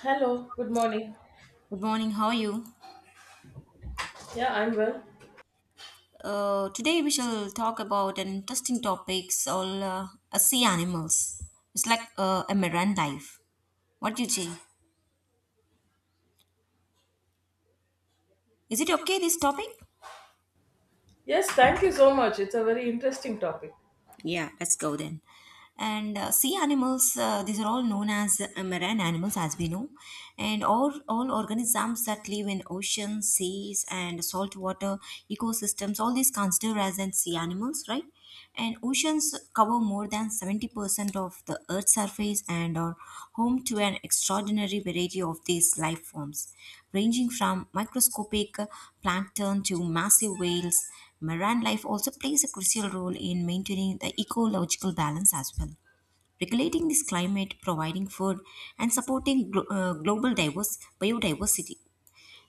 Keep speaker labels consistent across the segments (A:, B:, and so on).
A: Hello, good morning.
B: Good morning, how are you?
A: Yeah, I'm well.
B: Today we shall talk about an interesting topic, all sea animals. It's like a marine life. What do you say? Is it okay, this topic?
A: Yes, thank you so much. It's a very interesting topic.
B: Yeah, let's go then. And sea animals, these are all known as marine animals, as we know, and all organisms that live in oceans, seas, and saltwater ecosystems. All these considered as an sea animals, right? And oceans cover more than 70% of the Earth's surface and are home to an extraordinary variety of these life forms, ranging from microscopic plankton to massive whales. Marine life also plays a crucial role in maintaining the ecological balance as well, regulating this climate, providing food, and supporting global diverse biodiversity.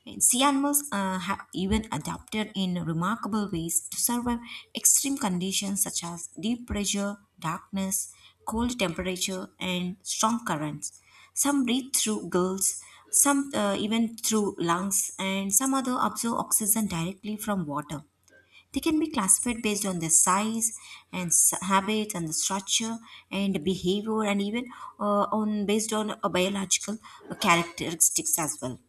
B: And sea animals have even adapted in remarkable ways to survive extreme conditions such as deep pressure, darkness, cold temperature, and strong currents. Some breathe through gills, some even through lungs, and some other absorb oxygen directly from water. They can be classified based on their size and habits and the structure and behavior and even on based on biological characteristics as well.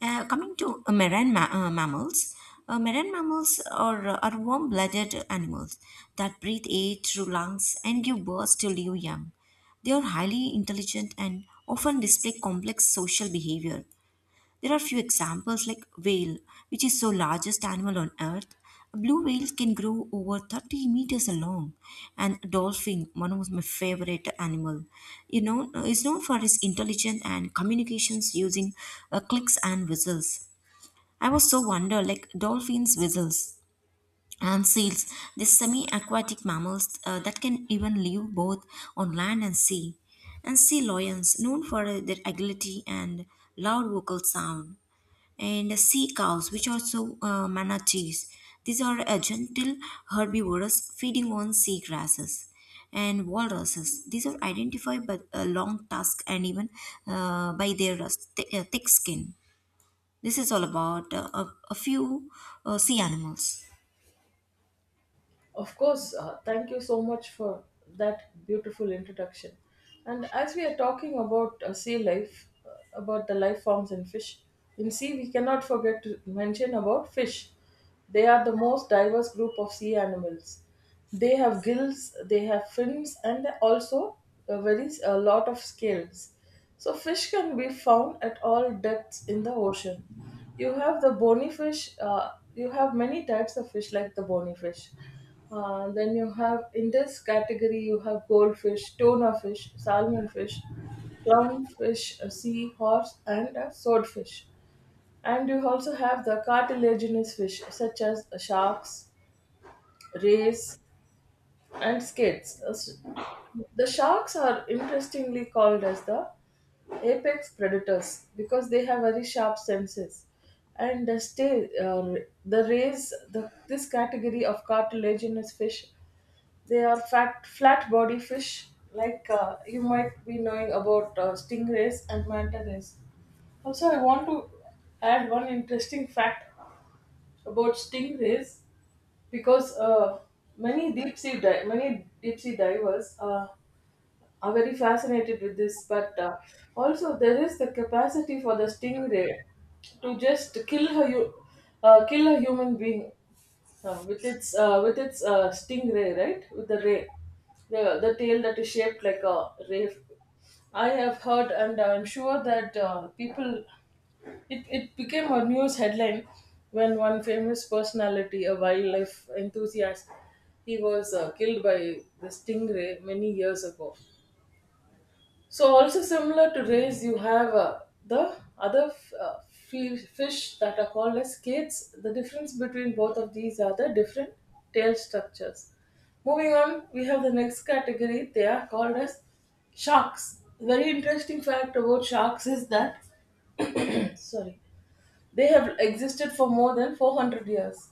B: Coming to mammals, marine mammals are warm-blooded animals that breathe air through lungs and give birth to live young. They are highly intelligent and often display complex social behavior. There are few examples like whale, which is the largest animal on earth. A blue whale can grow over 30 meters long, and dolphin, one of my favorite animal, you know, is known for its intelligence and communications using clicks and whistles. I was so wonder like dolphins whistles, and seals, these semi-aquatic mammals that can even live both on land and sea, and sea lions known for their agility and loud vocal sound, and sea cows, which also manatees. These are a gentle herbivores feeding on sea grasses, and walruses. These are identified by a long tusk and even uh, by their uh, thick skin. This is all about a few sea animals.
A: Of course, thank you so much for that beautiful introduction. And as we are talking about sea life, about the life forms in fish, in sea we cannot forget to mention about fish. They are the most diverse group of sea animals. They have gills, they have fins, and also a very a lot of scales. So fish can be found at all depths in the ocean. You have the bony fish. You have many types of fish, like the bony fish. Then you have in this category you have goldfish, tuna fish, salmon fish, clown fish, a sea horse, and a swordfish. And you also have the cartilaginous fish such as sharks, rays, and skids. The sharks are interestingly called as the apex predators because they have very sharp senses and the stay the rays, the this category of cartilaginous fish, they are fat flat body fish, like you might be knowing about stingrays and manta rays. Also, I want to add one interesting fact about stingrays, because many many deep sea divers are very fascinated with this, but also there is the capacity for the stingray to just kill a human being with its stingray, right? With the ray, the tail that is shaped like a ray. I have heard, and I'm sure that people it became a news headline when one famous personality, a wildlife enthusiast, he was killed by the stingray many years ago. So also similar to rays, you have the fish that are called as skates. The difference between both of these are the different tail structures. Moving on, we have the next category. They are called as sharks. Very interesting fact about sharks is that, sorry, they have existed for more than 400 years.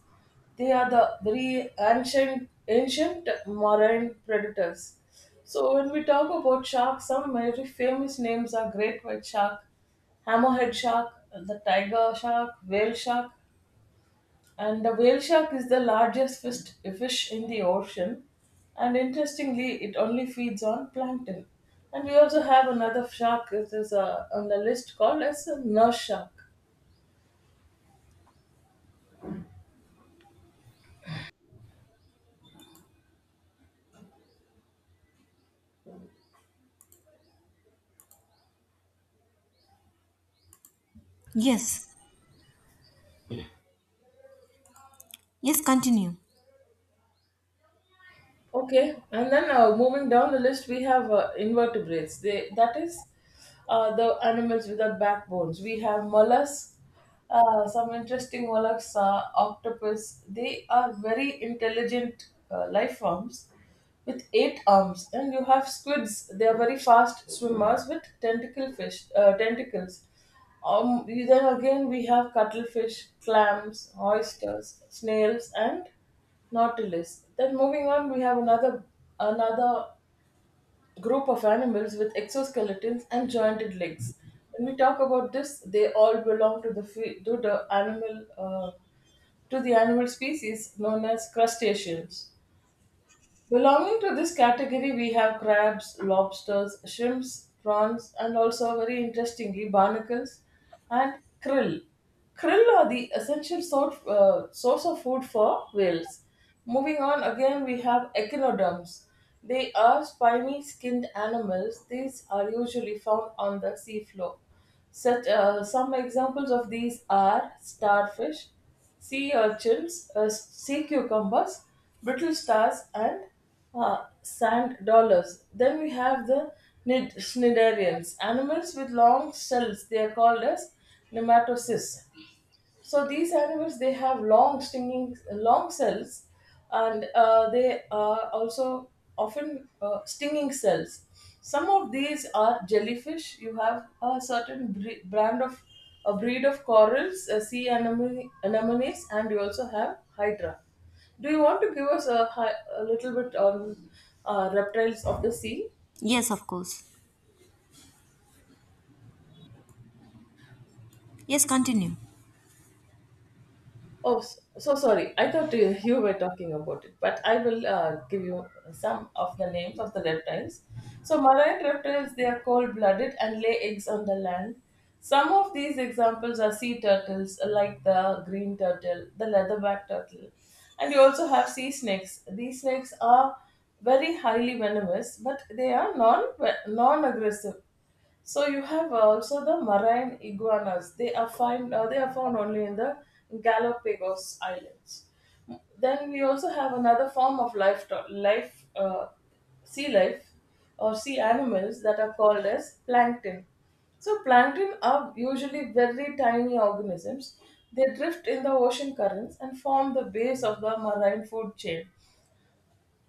A: They are the very ancient marine predators. So when we talk about sharks, some very famous names are great white shark, hammerhead shark, the tiger shark, whale shark, and the whale shark is the largest fish in the ocean. And interestingly, it only feeds on plankton. And we also have another shark. It is on the list called as a nurse shark.
B: Yes. Yes, continue.
A: Okay, and then moving down the list, we have invertebrates. They That is the animals without backbones. We have mollusks. Some interesting mollusks are octopus. They are very intelligent life forms with eight arms, and you have squids. They are very fast swimmers with tentacles. Then again, we have cuttlefish, clams, oysters, snails, and not a list. Then moving on, we have another group of animals with exoskeletons and jointed legs. When we talk about this, they all belong to the to the animal species known as crustaceans. Belonging to this category, we have crabs, lobsters, shrimps, prawns, and also very interestingly, barnacles and krill. Krill are the essential source of food for whales. Moving on, again, we have echinoderms. They are spiny skinned animals. These are usually found on the seafloor. Some examples of these are starfish, sea urchins, sea cucumbers, brittle stars, and sand dollars. Then we have the cnidarians, animals with long shells. They are called as nematocysts. So these animals they have long stinging long cells, and they are also often stinging cells. Some of these are jellyfish. You have a certain bre- brand of a breed of corals, sea anemones, and you also have hydra. Do you want to give us a, a little bit on reptiles of the sea?
B: Yes, of course. Yes, continue.
A: Oh, so sorry. I thought you were talking about it, but I will give you some of the names of the reptiles. So, marine reptiles, they are cold-blooded and lay eggs on the land. Some of these examples are sea turtles, like the green turtle, the leatherback turtle, and you also have sea snakes. These snakes are very highly venomous, but they are non-aggressive. So you have also the marine iguanas. They are found only in the Galapagos Islands. Then we also have another form of life sea life or sea animals that are called as plankton. So plankton are usually very tiny organisms. They drift in the ocean currents and form the base of the marine food chain.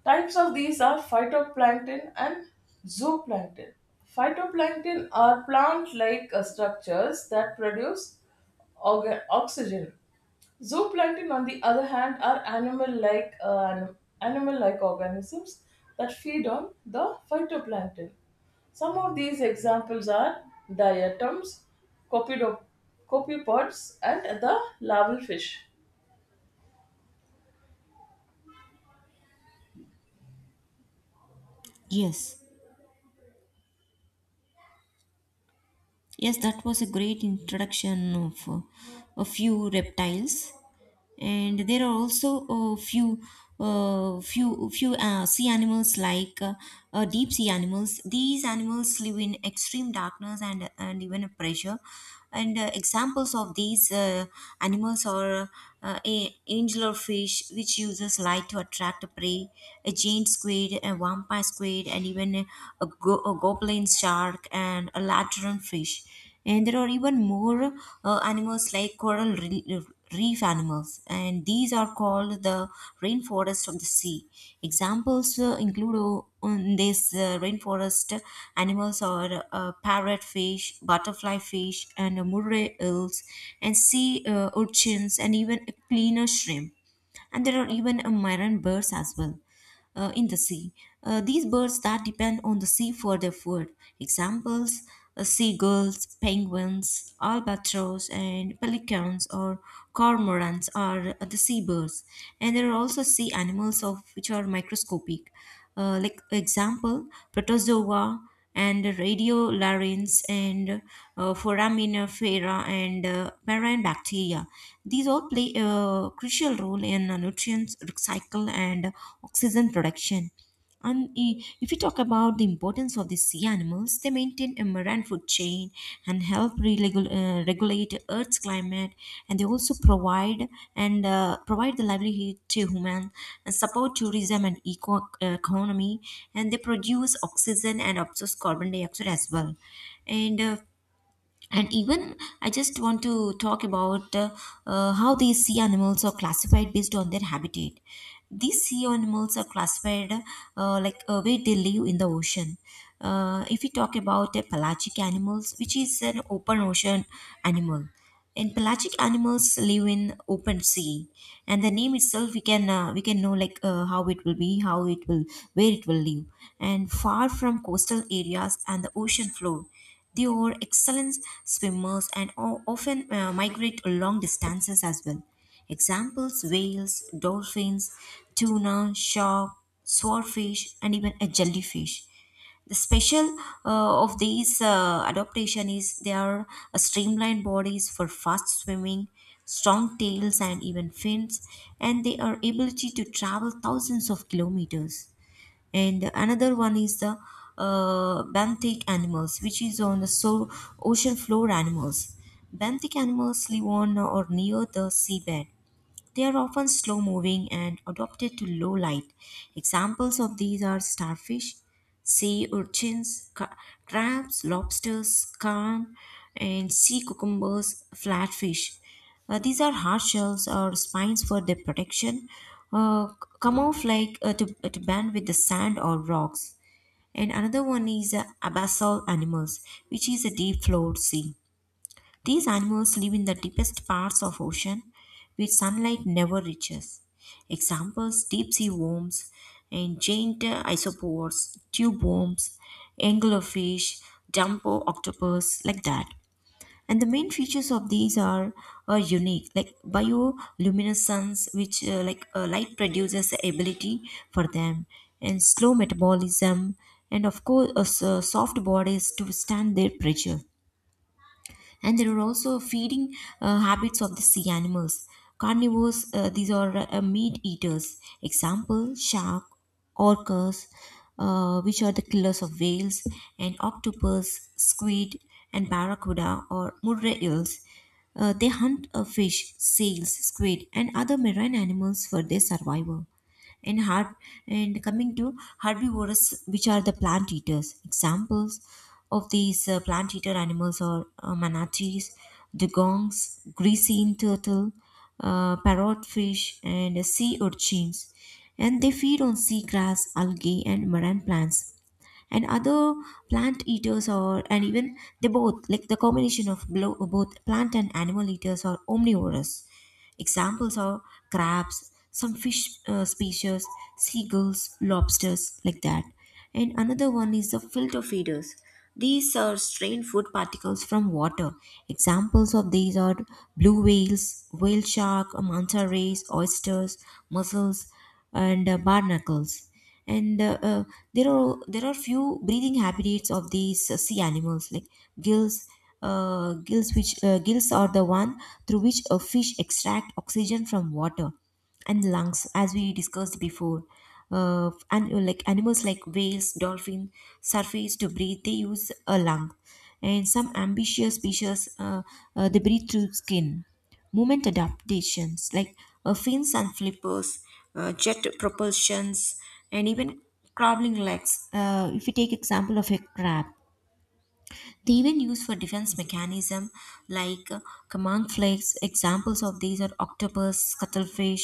A: Types of these are phytoplankton and zooplankton. Phytoplankton are plant like structures that produce oxygen. Zooplankton, on the other hand, are animal-like organisms that feed on the phytoplankton. Some of these examples are diatoms, copido- copepods, and the larval fish.
B: Yes. Yes, that was a great introduction of a few reptiles, and there are also a few, sea animals like deep sea animals. These animals live in extreme darkness and even a pressure. And examples of these animals are a angular fish, which uses light to attract prey, a giant squid, a vampire squid, and even a goblin shark, and a lantern fish. And there are even more animals like reef animals, and these are called the rainforest of the sea. Examples include on this rainforest animals are parrot fish, butterfly fish, and murray eels, and sea urchins, and even a cleaner shrimp, and there are even a marine birds as well in the sea. These birds that depend on the sea for their food. Examples seagulls, penguins, albatross, and pelicans or cormorants are the seabirds. And there are also sea animals of which are microscopic. Like example, protozoa, and radiolarians, and foraminifera, and marine bacteria. These all play a crucial role in nutrients recycle and oxygen production. And if we talk about the importance of the sea animals, they maintain Indian American food chain and help regulate Earth's climate. And they also provide, and provide the livelihood to human and support tourism and eco economy. And they produce oxygen and absorbs carbon dioxide as well. And uh, and even I just want to talk about how these sea animals are classified based on their habitat. These sea animals are classified where they live in the ocean. If we talk about pelagic animals, which is an open ocean animal, and pelagic animals live in open sea, and the name itself we can know like how it will be, how it will, where it will live, and far from coastal areas and the ocean floor. They are excellent swimmers and o- often migrate long distances as well. Examples whales, dolphins, tuna, shark, swordfish, and even a jellyfish. The special of these adaptation is they are streamlined bodies for fast swimming, strong tails, and even fins, and they are ability to travel thousands of kilometers. And another one is the benthic animals, which is on the so ocean floor animals. Benthic animals live on or near the seabed. They are often slow moving and adapted to low light. Examples of these are starfish, sea urchins, crabs, lobsters, carn, and sea cucumbers, flatfish. These are hard shells or spines for their protection, uh, c- camouflage to band with the sand or rocks. And another one is abyssal animals, which is a deep floor sea. These animals live in the deepest parts of ocean where sunlight never reaches. Examples deep sea worms, and giant isopores, tube worms, anglerfish, jumbo octopus, like that. And the main features of these are unique, like bioluminescence, which like light produces ability for them, and slow metabolism, and of course, soft bodies to withstand their pressure. And there are also feeding habits of the sea animals. Carnivores, these are meat eaters. Example, shark, orcas, which are the killers of whales, and octopus, squid, and barracuda or murray eels. They hunt fish, seals, squid, and other marine animals for their survival. And har- and coming to herbivores, which are the plant eaters. Examples of these plant eater animals are manatees, dugongs, grecian turtle, parrot fish, and sea urchins, and they feed on sea grass algae and marine plants. And other plant eaters or, and even they both like the combination of both plant and animal eaters are omnivorous. Examples are crabs, some fish species, seagulls, lobsters, like that. And another one is the filter feeders. These are strained food particles from water. Examples of these are blue whales, whale shark, manta rays, oysters, mussels, and barnacles. And there are few breathing habitats of these sea animals like gills. Gills, which gills are the one through which a fish extract oxygen from water, and lungs, as we discussed before. And like animals like whales, dolphin, surface to breathe, they use a lung, and some amphibious species they breathe through skin. Movement adaptations like fins and flippers, jet propulsions, and even crawling legs. If you take example of a crab, they even used for defense mechanism like command flakes. Examples of these are octopus, cuttlefish,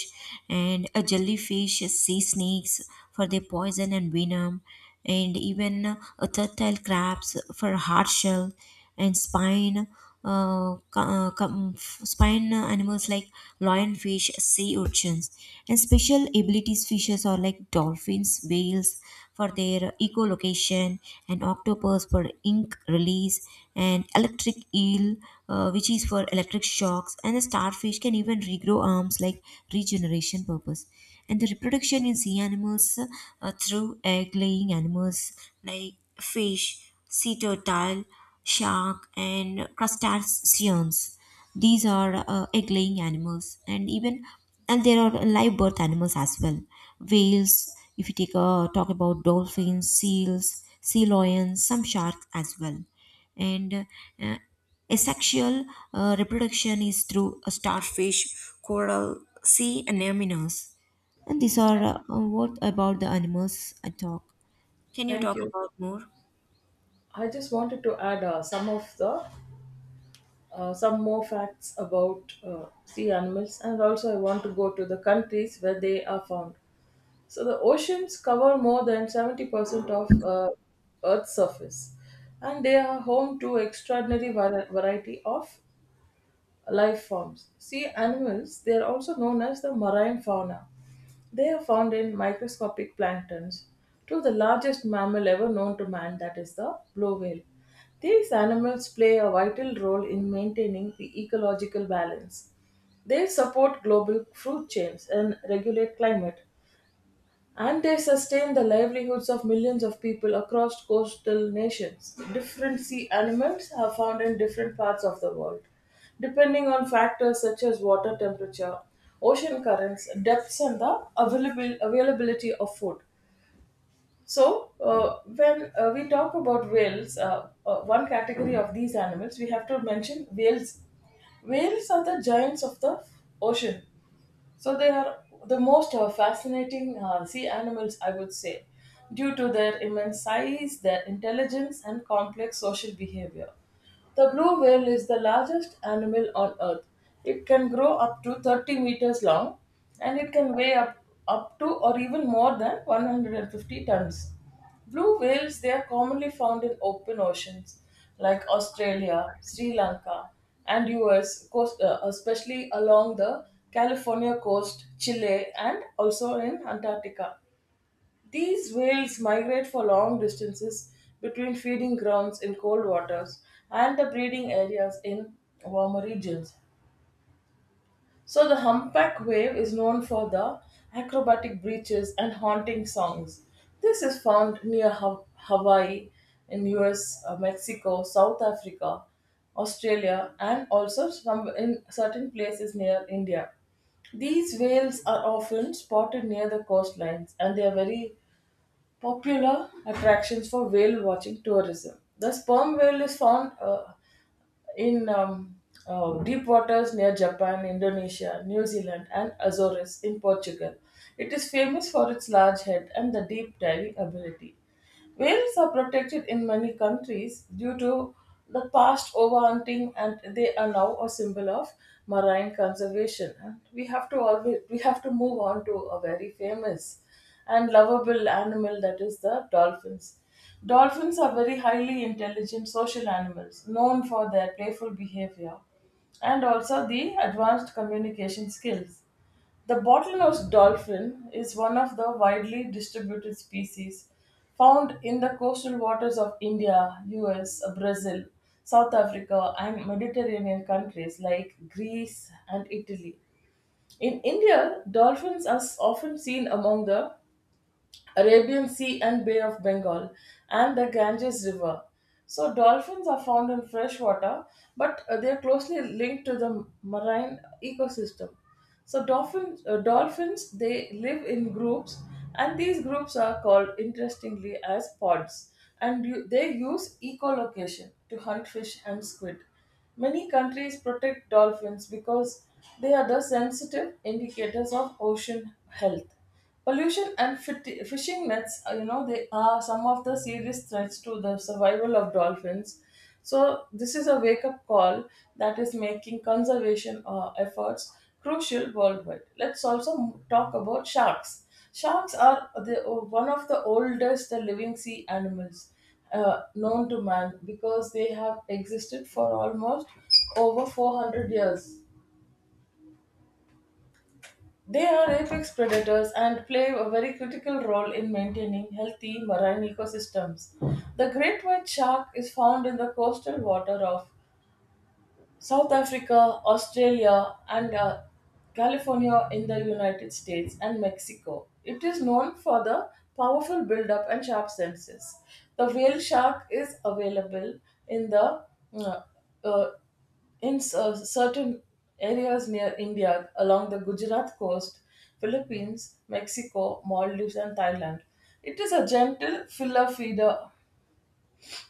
B: and a jellyfish, sea snakes for their poison and venom, and even a turtle crabs for hard shell and spine spine animals like lionfish, sea urchins, and special abilities fishes are like dolphins, whales for their echolocation, and octopus for ink release, and electric eel, which is for electric shocks, and the starfish can even regrow arms like regeneration purpose. And the reproduction in sea animals through egg laying animals like fish, sea turtle, shark, and crustaceans. These are egg-laying animals, and even, and there are live birth animals as well. Whales, if you take a talk about dolphins, seals, sea lions, some sharks as well, and uh, asexual reproduction is through a starfish, coral, sea anemones. And these are what about the animals I talk. Can you
A: Thank
B: talk
A: you.
B: about more?
A: I just wanted to add some of the some more facts about sea animals, and also I want to go to the countries where they are found. So the oceans cover more than 70% of Earth's surface, and they are home to extraordinary variety of life forms. Sea animals, they are also known as the marine fauna. They are found in microscopic planktons to the largest mammal ever known to man, that is the blue whale. These animals play a vital role in maintaining the ecological balance. They support global food chains and regulate climate and they sustain the livelihoods of millions of people across coastal nations. Different sea animals are found in different parts of the world, depending on factors such as water temperature, ocean currents, depths, and the availability of food. So, when we talk about whales, one category of these animals, we have to mention whales. Whales are the giants of the ocean, so they are the most fascinating sea animals, I would say, due to their immense size, their intelligence, and complex social behavior. The blue whale is the largest animal on Earth. It can grow up to 30 meters long and it can up to or even more than 150 tons. Blue whales, they are commonly found in open oceans like Australia, Sri Lanka, and US, coast, especially along the California coast, Chile, and also in Antarctica. These whales migrate for long distances between feeding grounds in cold waters and the breeding areas in warmer regions. So the humpback whale is known for the acrobatic breaches and haunting songs. This is found near Hawaii, in US, Mexico, South Africa, Australia, and also some in certain places near India. These whales are often spotted near the coastlines and they are very popular attractions for whale watching tourism. The sperm whale is found in deep waters near Japan, Indonesia, New Zealand, and Azores in Portugal. It is famous for its large head and the deep diving ability. Whales are protected in many countries due to the past overhunting, and they are now a symbol of marine conservation. And we have to move on to a very famous and lovable animal, that is the dolphins. Dolphins are very highly intelligent social animals, known for their playful behavior and also the advanced communication skills. The bottlenose dolphin is one of the widely distributed species found in the coastal waters of India, US, Brazil, South Africa, and Mediterranean countries like Greece and Italy. In India, dolphins are often seen among the Arabian Sea and Bay of Bengal, and the Ganges River. So, dolphins are found in fresh water, but they are closely linked to the marine ecosystem. So, dolphins they live in groups, and these groups are called interestingly as pods, and they use echolocation to hunt fish and squid. Many countries protect dolphins because they are the sensitive indicators of ocean health. Pollution and fishing nets, they are some of the serious threats to the survival of dolphins. So, this is a wake up call that is making conservation efforts crucial worldwide. Let's also talk about sharks. Sharks are the, one of the oldest living sea animals known to man because they have existed for almost over 400 years. They are apex predators and play a very critical role in maintaining healthy marine ecosystems. The great white shark is found in the coastal water of South Africa, Australia, and California in the United States and Mexico. It is known for the powerful buildup and sharp senses. The whale shark is available in the uh, uh, certain areas near India along the Gujarat coast, Philippines, Mexico, Maldives, and Thailand. It is a gentle filler feeder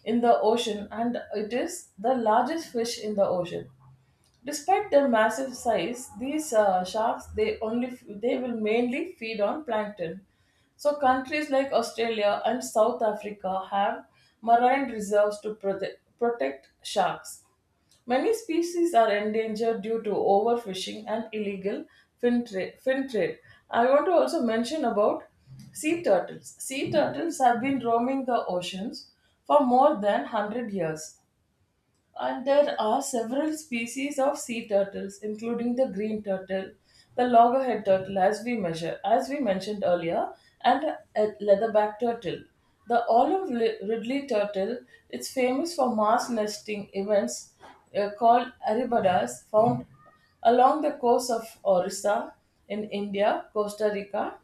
A: in the ocean and it is the largest fish in the ocean. Despite their massive size, these sharks they will mainly feed on plankton. So countries like Australia and South Africa have marine reserves to protect sharks. Many species are endangered due to overfishing and illegal fin trade. I want to also mention about sea turtles. Sea turtles have been roaming the oceans for more than 100 years. And there are several species of sea turtles, including the green turtle, the loggerhead turtle, as we mentioned earlier, and a leatherback turtle. The ridley turtle is famous for mass nesting events called aribadas, found along the coast of Orissa in India, Costa Rica,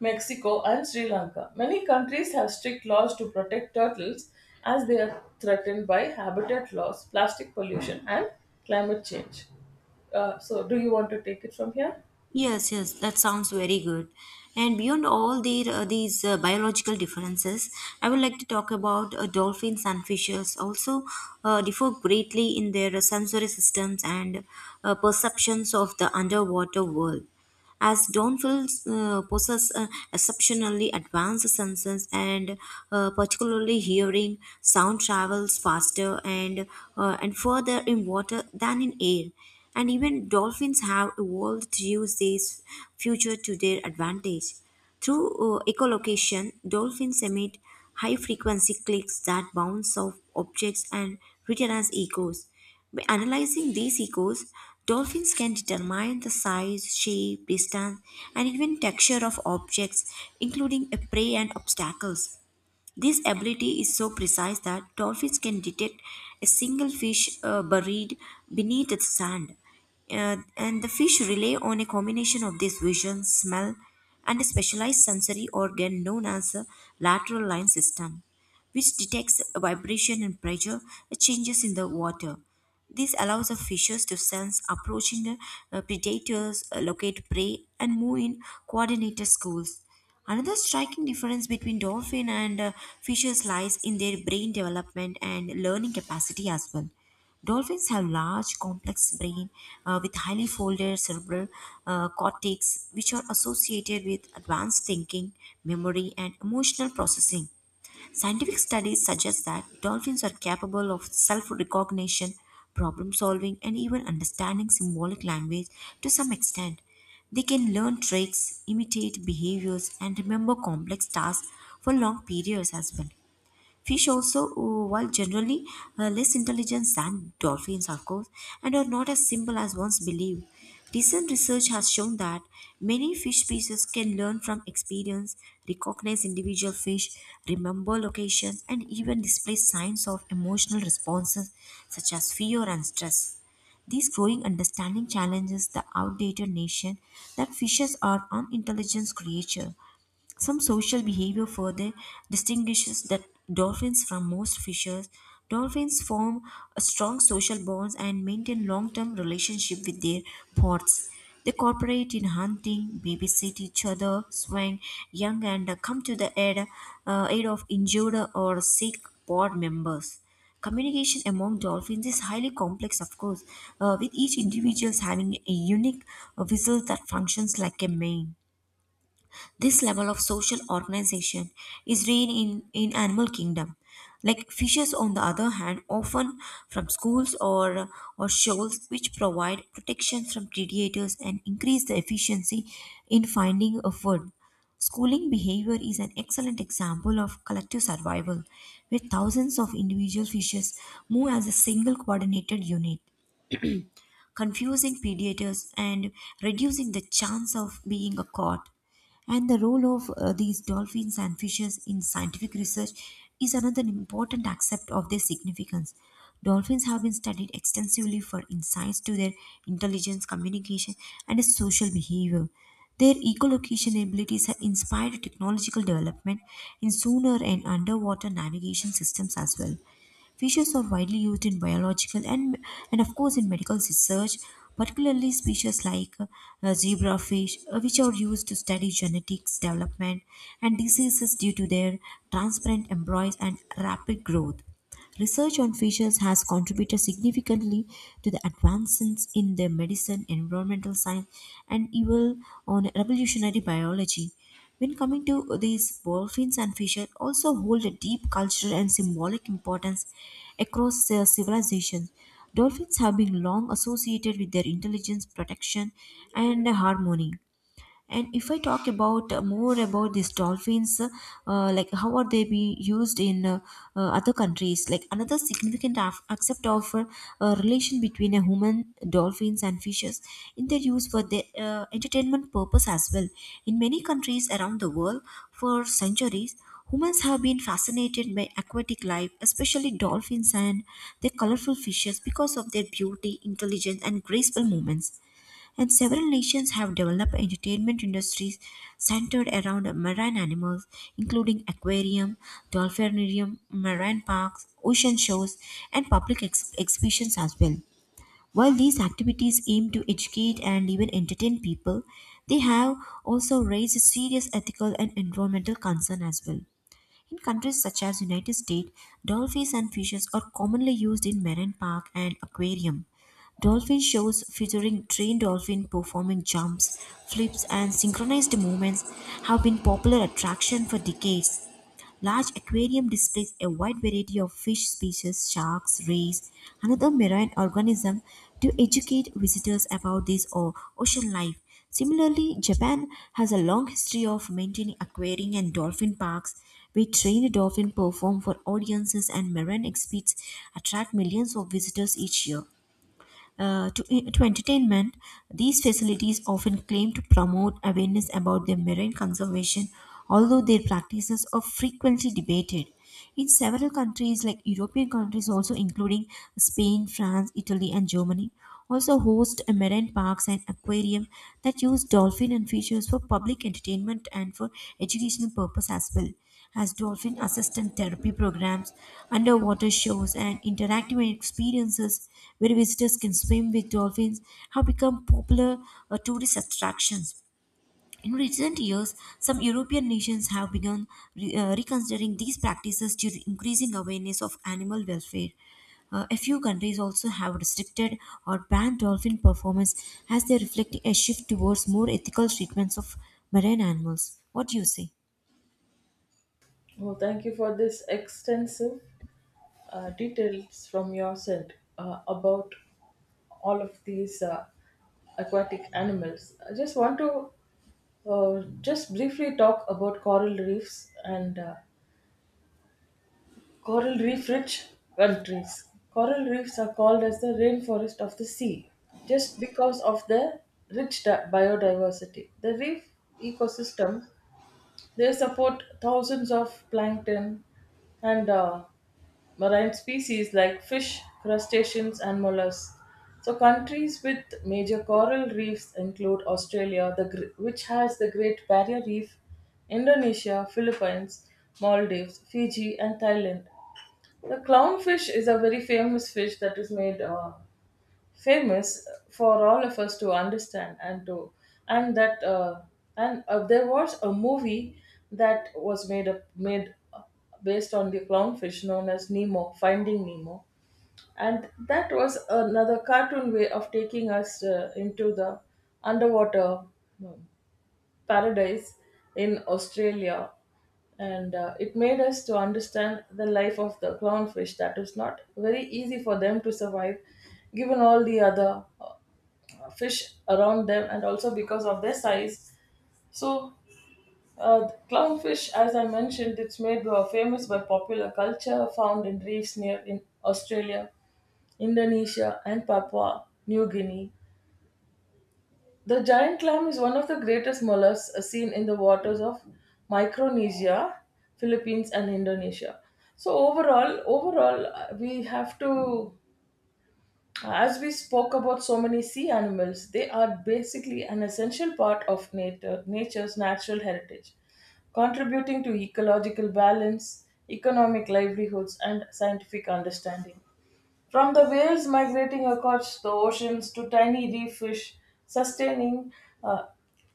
A: Mexico, and Sri Lanka. Many countries have strict laws to protect turtles as they are threatened by habitat loss, plastic pollution, and climate change. So, do you want to take it from here?
B: Yes, yes, that sounds very good. And beyond all the, these biological differences, I would like to talk about dolphins and fishes also differ greatly in their sensory systems and perceptions of the underwater world, as Donfils possess exceptionally advanced senses, and particularly hearing, sound travels faster and further in water than in air. And even dolphins have evolved to use this feature to their advantage. Through echolocation, dolphins emit high frequency clicks that bounce off objects and return as echoes. By analyzing these echoes, dolphins can determine the size, shape, distance, and even texture of objects, including a prey and obstacles. This ability is so precise that dolphins can detect a single fish buried beneath the sand. And the fish rely on a combination of this vision, smell, and a specialized sensory organ known as a lateral line system, which detects vibration and pressure changes in the water. This allows the fishes to sense approaching predators, locate prey, and move in coordinated schools. Another striking difference between dolphin and fishes lies in their brain development and learning capacity as well. Dolphins have large, complex brain with highly folded cerebral cortex, which are associated with advanced thinking, memory, and emotional processing. Scientific studies suggest that dolphins are capable of self recognition, problem solving, and even understanding symbolic language to some extent. They can learn tricks, imitate behaviors, and remember complex tasks for long periods as well. Fish also, while generally less intelligent than dolphins, of course, and are not as simple as once believed. Recent research has shown that many fish species can learn from experience, recognize individual fish, remember locations, and even display signs of emotional responses such as fear and stress. This growing understanding challenges the outdated notion that fishes are unintelligent creatures some social behavior further distinguishes that dolphins from most fishes. Dolphins form a strong social bonds and maintain long-term relationship with their pods. They cooperate in hunting, babysit each other, swing young, and come to the aid, aid of injured or sick pod members. Communication among dolphins is highly complex, of course, with each individual having a unique whistle that functions like a mane. This level of social organization is rare in animal kingdom. Like fishes on the other hand, often from schools or shoals which provide protection from predators and increase the efficiency in finding a food. Schooling behavior is an excellent example of collective survival, where thousands of individual fishes move as a single coordinated unit confusing predators and reducing the chance of being a caught. And the role of these dolphins and fishes in scientific research is another important aspect of their significance. Dolphins have been studied extensively for insights to their intelligence, communication, and social behavior. Their echolocation abilities have inspired technological development in sonar and underwater navigation systems as well. Fishes are widely used in biological and of course, in medical research, particularly species like zebrafish, which are used to study genetics, development, and diseases due to their transparent embryos and rapid growth. Research on fishes has contributed significantly to the advancements in the medicine, environmental science, and even on revolutionary biology. When coming to these dolphins and fishes, also hold a deep cultural and symbolic importance across civilizations. Dolphins have been long associated with their intelligence, protection, and harmony and if I talk about more about these dolphins, like how are they be used in other countries? Like another significant aspect of relation between a human, dolphins, and fishes in their use for their entertainment purpose as well. In many countries around the world, for centuries, humans have been fascinated by aquatic life, especially dolphins and their colorful fishes, because of their beauty, intelligence, and graceful movements and several nations have developed entertainment industries centered around marine animals, including aquarium, dolphinarium, marine parks, ocean shows, and public exhibitions as well. While these activities aim to educate and even entertain people, they have also raised serious ethical and environmental concern as well. In countries such as United States, dolphins and fishes are commonly used in marine park and aquarium. Dolphin shows featuring trained dolphin performing jumps, flips and synchronized movements have been popular attraction for decades. Large aquarium displays a wide variety of fish species, sharks, rays, and other marine organisms to educate visitors about this ocean life. Similarly, Japan has a long history of maintaining aquarium and dolphin parks where trained dolphins perform for audiences and marine exhibits attract millions of visitors each year. To entertainment, these facilities often claim to promote awareness about their marine conservation, although their practices are frequently debated. In several countries, like European countries, also including Spain, France, Italy, and Germany, also host marine parks and aquarium that use dolphin and fishes for public entertainment and for educational purpose as well as dolphin assistant therapy programs, underwater shows, and interactive experiences where visitors can swim with dolphins have become popular tourist attractions. In recent years, some European nations have begun reconsidering these practices due to increasing awareness of animal welfare. A few countries also have restricted or banned dolphin performance as they reflect a shift towards more ethical treatments of marine animals. What do you say?
A: Well, thank you for this extensive details from your side about all of these aquatic animals. I just want to just briefly talk about coral reefs and coral reef rich countries. Coral reefs are called as the rainforest of the sea just because of their biodiversity. The reef ecosystem they support thousands of plankton and marine species like fish, crustaceans, and mollusks. So, countries with major coral reefs include Australia, which has the Great Barrier Reef, Indonesia, Philippines, Maldives, Fiji, and Thailand. The clownfish is a very famous fish that is made famous for all of us to understand and that uh, and there was a movie that was made based on the clownfish known as Nemo, Finding Nemo, and that was another cartoon way of taking us into the underwater um, paradise in Australia, and it made us to understand the life of the clownfish that was not very easy for them to survive, given all the other fish around them, and also because of their size. So, clownfish, as I mentioned, it's made famous by popular culture, found in reefs near in Australia, Indonesia, and Papua New Guinea. The giant clam is one of the greatest mollusks seen in the waters of Micronesia, Philippines, and Indonesia. So overall, we have to, as we spoke about so many sea animals, they are basically an essential part of nature, nature's natural heritage, contributing to ecological balance, economic livelihoods, and scientific understanding. From the whales migrating across the oceans to tiny reef fish sustaining uh,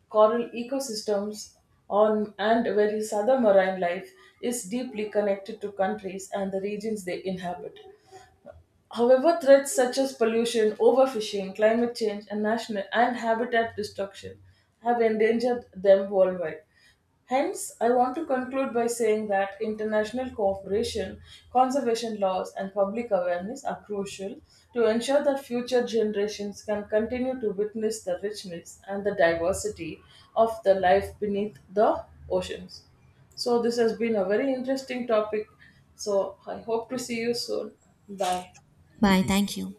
A: coral ecosystems on, and various other marine life is deeply connected to countries and the regions they inhabit. However, threats such as pollution, overfishing, climate change, and national and habitat destruction have endangered them worldwide. Hence, I want to conclude by saying that international cooperation, conservation laws, and public awareness are crucial to ensure that future generations can continue to witness the richness and the diversity of the life beneath the oceans. So, this has been a very interesting topic. So, I hope to see you soon. Bye.
B: Bye. Thank you.